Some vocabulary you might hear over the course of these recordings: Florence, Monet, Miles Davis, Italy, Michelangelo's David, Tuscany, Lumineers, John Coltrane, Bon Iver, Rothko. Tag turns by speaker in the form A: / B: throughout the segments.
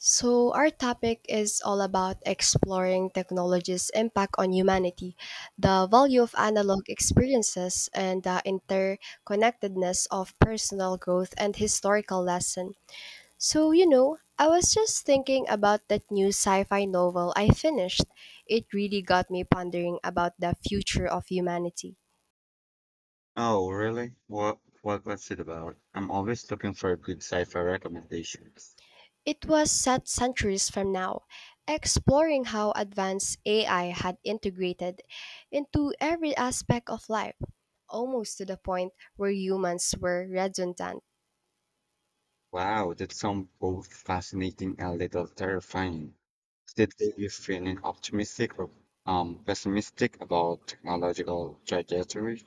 A: So, our topic is all about exploring technology's impact on humanity, the value of analog experiences, and the interconnectedness of personal growth and historical lesson. So, I was just thinking about that new sci fi novel I finished. It really got me pondering about the future of humanity.
B: Oh, really? What was it about? I'm always looking for good sci-fi recommendations.
A: It was set centuries from now, exploring how advanced AI had integrated into every aspect of life, almost to the point where humans were redundant.
B: Wow, that sounds both fascinating and a little terrifying. Did they leave you feeling optimistic or pessimistic about technological trajectory?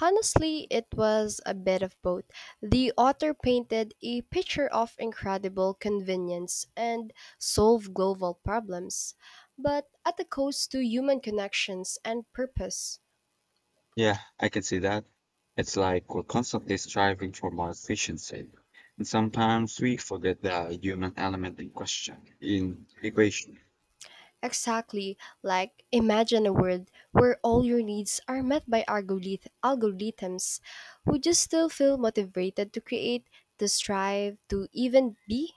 A: Honestly, it was a bit of both. The author painted a picture of incredible convenience and solved global problems, but at the cost to human connections and purpose.
B: Yeah, I can see that. It's like we're constantly striving for more efficiency. And sometimes we forget the human element in question, in equation.
A: Exactly. Like, imagine a world where all your needs are met by algorithms. Would you still feel motivated to create, to strive, to even be?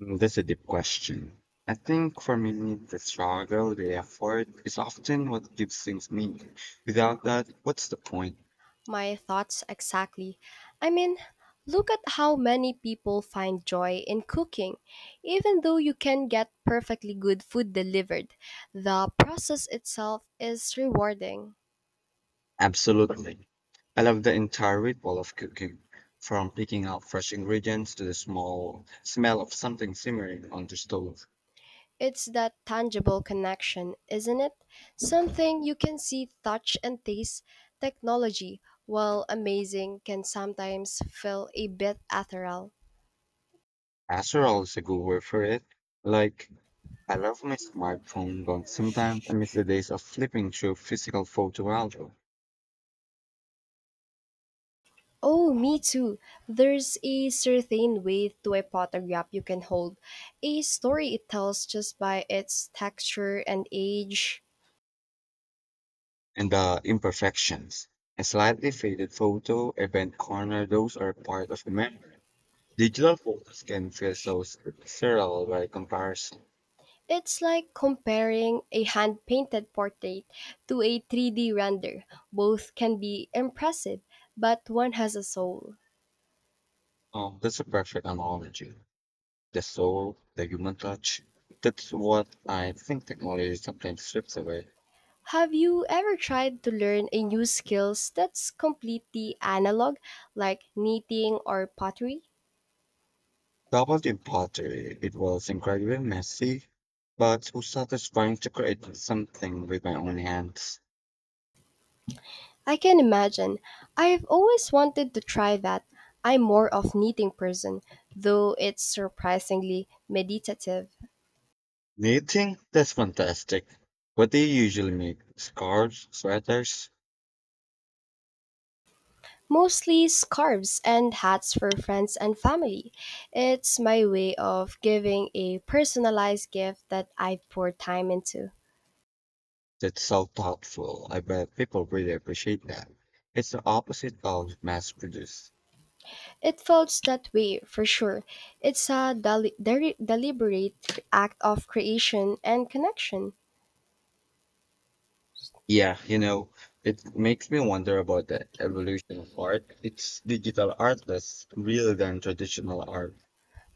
B: Mm, that's a deep question. I think for me, the struggle, the effort is often what gives things meaning. Without that, what's the point?
A: My thoughts exactly. I mean, look at how many people find joy in cooking. Even though you can get perfectly good food delivered, the process itself is rewarding.
B: Absolutely. I love the entire ritual of cooking, from picking out fresh ingredients to the small smell of something simmering on the stove.
A: It's that tangible connection, isn't it? Something you can see, touch, and taste. Technology, while amazing, can sometimes feel a bit ethereal.
B: Casserole is a good word for it. Like, I love my smartphone, but sometimes I miss the days of flipping through physical photo albums.
A: Oh, me too. There's a certain way to a photograph you can hold, a story it tells just by its texture and age.
B: And the imperfections. A slightly faded photo, a bent corner, those are part of the memory. Digital photos can feel so sterile by comparison.
A: It's like comparing a hand painted portrait to a 3D render. Both can be impressive, but one has a soul.
B: Oh, that's a perfect analogy. The soul, the human touch. That's what I think technology sometimes strips away.
A: Have you ever tried to learn a new skills that's completely analog, like knitting or pottery?
B: Double in pottery, it was incredibly messy, but so satisfying to create something with my own hands.
A: I can imagine. I've always wanted to try that. I'm more of knitting person, though it's surprisingly meditative.
B: Knitting? That's fantastic. What do you usually make? Scarves? Sweaters?
A: Mostly scarves and hats for friends and family. It's my way of giving a personalized gift that I pour time into.
B: That's so thoughtful. I bet people really appreciate that. It's the opposite of mass produced.
A: It felt that way, for sure. It's a deliberate act of creation and connection.
B: Yeah, you know, it makes me wonder about the evolution of art. It's digital art that's real than traditional art.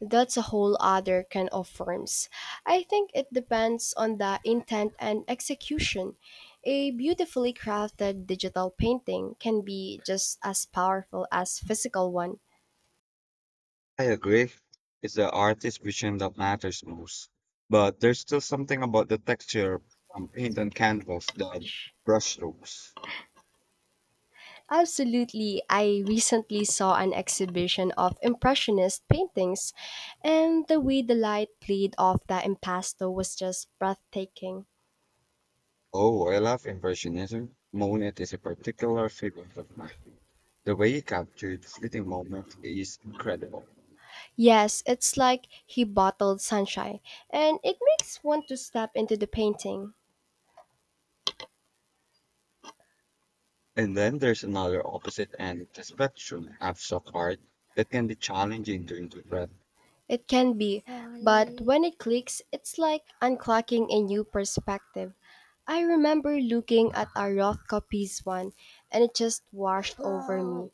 A: That's a whole other kind of forms. I think it depends on the intent and execution. A beautifully crafted digital painting can be just as powerful as physical one.
B: I agree. It's the artist's vision that matters most. But there's still something about the texture from paint on canvas, the brushstrokes.
A: Absolutely, I recently saw an exhibition of impressionist paintings and the way the light played off the impasto was just breathtaking.
B: Oh, I love Impressionism. Monet is a particular favorite of mine. The way he captured the fleeting moment is incredible.
A: Yes, it's like he bottled sunshine, and it makes one to step into the painting.
B: And then there's another opposite end of the spectrum, abstract art, that can be challenging to interpret.
A: It can be, but when it clicks, it's like unclocking a new perspective. I remember looking at a Rothko piece one, and it just washed over me.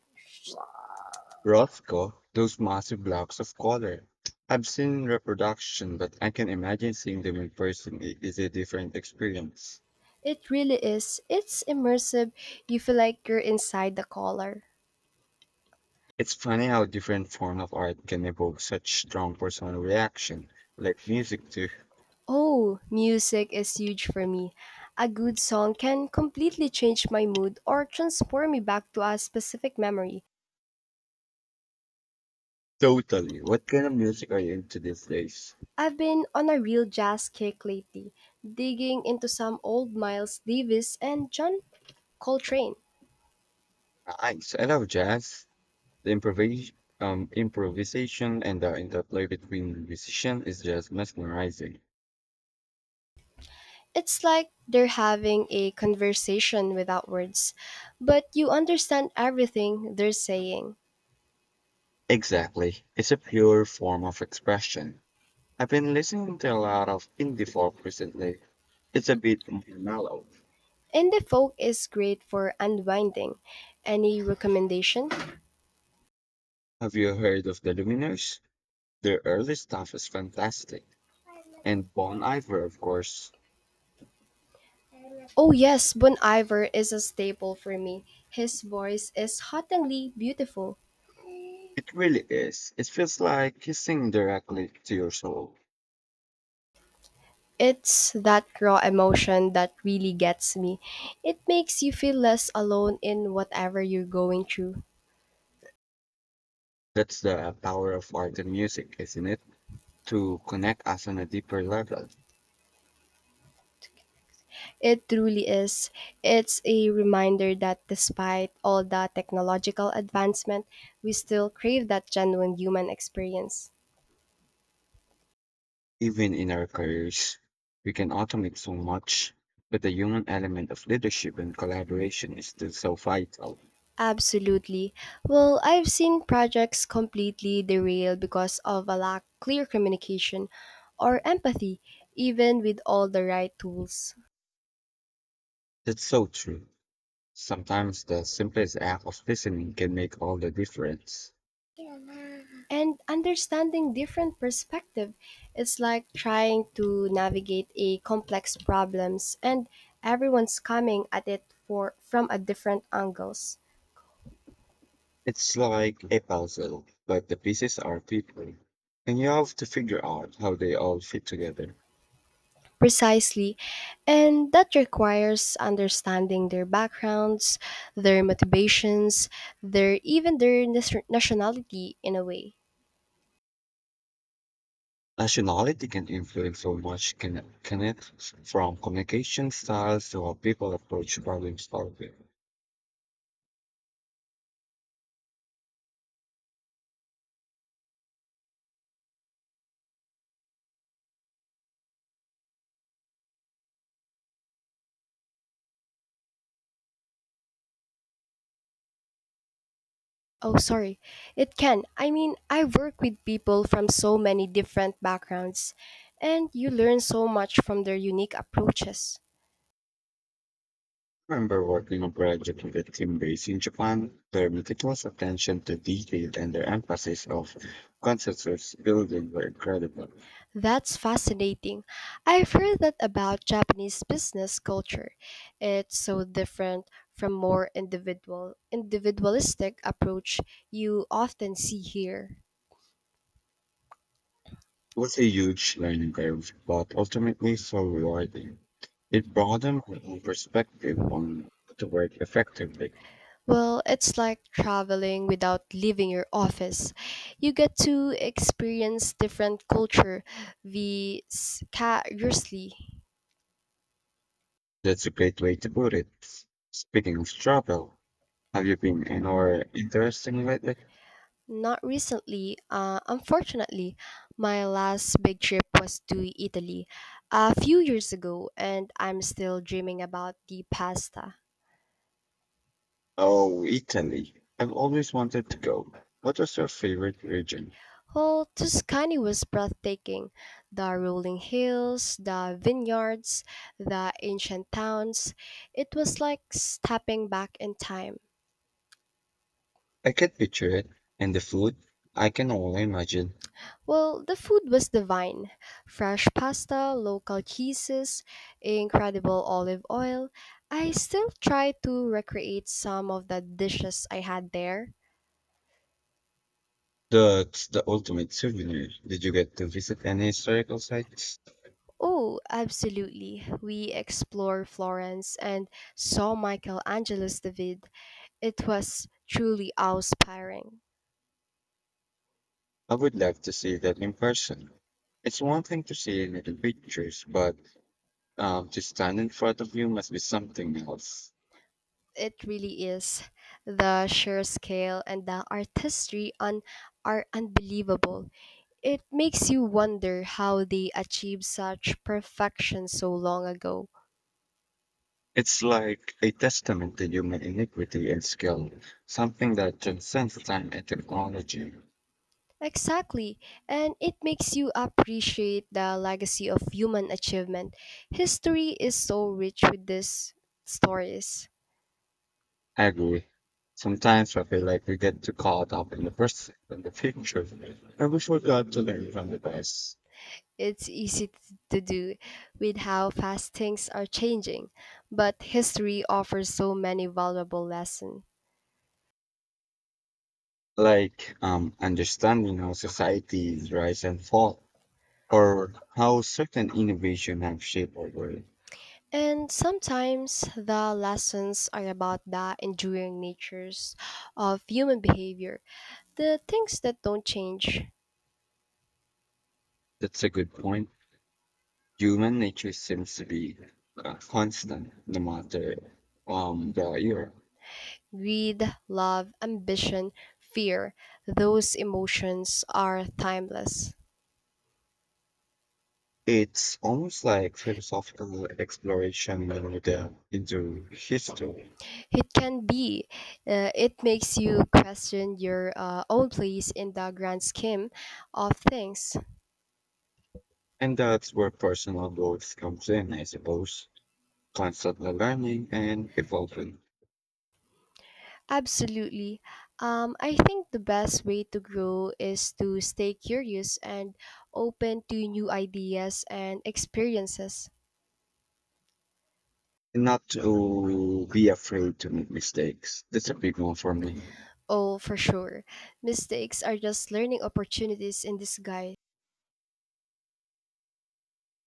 B: Rothko, those massive blocks of color. I've seen reproduction, but I can imagine seeing them in person is a different experience.
A: It really is. It's immersive. You feel like you're inside the color.
B: It's funny how different form of art can evoke such strong personal reaction, like music too.
A: Oh, music is huge for me. A good song can completely change my mood or transport me back to a specific memory.
B: Totally. What kind of music are you into these days?
A: I've been on a real jazz kick lately, digging into some old Miles Davis and John Coltrane.
B: Nice. I love jazz. The improvisation and the interplay between musicians is just mesmerizing.
A: It's like they're having a conversation without words, but you understand everything they're saying.
B: Exactly. It's a pure form of expression. I've been listening to a lot of indie folk recently. It's a bit more mellow.
A: Indie folk is great for unwinding. Any recommendation?
B: Have you heard of the Lumineers? Their early stuff is fantastic. And Bon Iver, of course.
A: Oh yes, Bon Iver is a staple for me. His voice is hauntingly beautiful.
B: It really is. It feels like he's singing directly to your soul.
A: It's that raw emotion that really gets me. It makes you feel less alone in whatever you're going through.
B: That's the power of art and music, isn't it? To connect us on a deeper level.
A: It truly is. It's a reminder that despite all the technological advancement, we still crave that genuine human experience.
B: Even in our careers, we can automate so much, but the human element of leadership and collaboration is still so vital.
A: Absolutely. Well, I've seen projects completely derail because of a lack clear communication or empathy, even with all the right tools.
B: That's so true. Sometimes the simplest act of listening can make all the difference.
A: And understanding different perspective, it's like trying to navigate a complex problems and everyone's coming at it for from a different angles.
B: It's like a puzzle, but the pieces are people, and you have to figure out how they all fit together.
A: Precisely. And that requires understanding their backgrounds, their motivations, their even their nationality in a way.
B: Nationality can influence so much, can it? From communication styles to how people approach problem solving.
A: Oh, sorry. It can. I mean, I work with people from so many different backgrounds, and you learn so much from their unique approaches.
B: Remember working on project with a team based in Japan. Their meticulous attention to detail and their emphasis of consensus building were incredible.
A: That's fascinating. I've heard that about Japanese business culture. It's so different from more individualistic approach you often see here.
B: It was a huge learning curve, but ultimately so rewarding. It broadened my own perspective on how to work effectively.
A: Well, it's like traveling without leaving your office. You get to experience different culture vicariously.
B: That's a great way to put it. Speaking of travel, have you been anywhere interesting lately?
A: Not recently, unfortunately, my last big trip was to Italy a few years ago, and I'm still dreaming about the pasta.
B: Oh, Italy. I've always wanted to go. What was your favorite region?
A: Well, Tuscany was breathtaking. The rolling hills, the vineyards, the ancient towns. It was like stepping back in time.
B: I can picture it. And the food, I can only imagine.
A: Well, the food was divine. Fresh pasta, local cheeses, incredible olive oil. I still try to recreate some of the dishes I had there.
B: That's the ultimate souvenir. Did you get to visit any historical sites?
A: Oh, absolutely. We explored Florence and saw Michelangelo's David. It was truly awe-inspiring.
B: I would love to see that in person. It's one thing to see it in the pictures, but to stand in front of you must be something else.
A: It really is. The sheer scale and the artistry on are unbelievable. It makes you wonder how they achieved such perfection so long ago.
B: It's like a testament to human iniquity and skill, something that transcends time and technology.
A: Exactly, and it makes you appreciate the legacy of human achievement. History is so rich with these stories.
B: I agree. Sometimes I feel like we get too caught up in the present and the future, and we forgot to learn from the past.
A: It's easy t- to do with how fast things are changing, but history offers so many valuable lessons.
B: Like understanding how societies rise and fall, or how certain innovation have shaped our world.
A: And sometimes the lessons are about the enduring natures of human behavior, the things that don't change
B: That's a good point. Human nature seems to be constant, no matter the year.
A: greed, love, ambition, fear. Those emotions are timeless.
B: It's almost like philosophical exploration when into history.
A: It can be, it makes you question your own place in the grand scheme of things.
B: And that's where personal growth comes in, I suppose. Constantly learning and evolving.
A: Absolutely. I think the best way to grow is to stay curious and open to new ideas and experiences.
B: And not to be afraid to make mistakes. That's a big one for me.
A: Oh, for sure. Mistakes are just learning opportunities in disguise.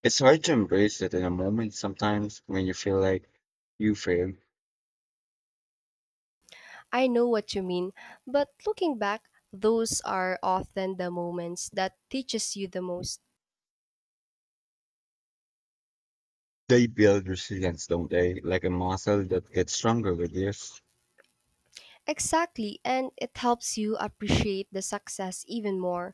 B: It's hard to embrace it in a moment sometimes when you feel like you failed.
A: I know what you mean, but looking back, those are often the moments that teaches you the most.
B: They build resilience, don't they? Like a muscle that gets stronger with years.
A: Exactly, and it helps you appreciate the success even more.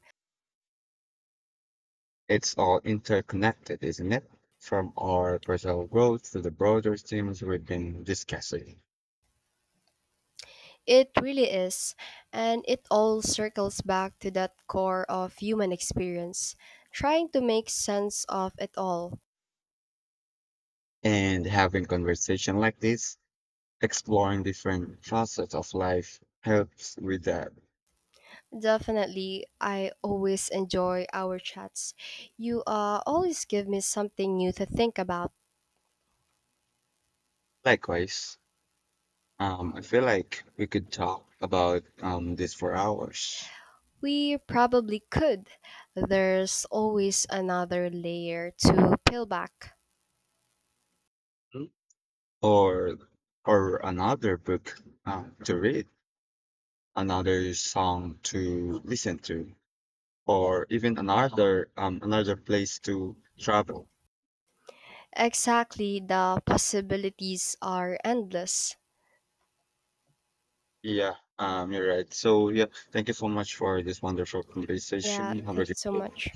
B: It's all interconnected, isn't it? From our personal growth to the broader themes we've been discussing.
A: It really is, and it all circles back to that core of human experience, trying to make sense of it all.
B: And having conversation like this, exploring different facets of life helps with that.
A: Definitely, I always enjoy our chats. You always give me something new to think about.
B: Likewise, I feel like we could talk about this for hours,
A: We probably could. There's always another layer to peel back.
B: or or another book to read, another song to listen to, or even another place to travel.
A: Exactly, the possibilities are endless.
B: Yeah, you're right. So yeah, thank you so much for this wonderful
A: Yeah,
B: conversation. Have a
A: thank you
B: good
A: so
B: day.
A: much.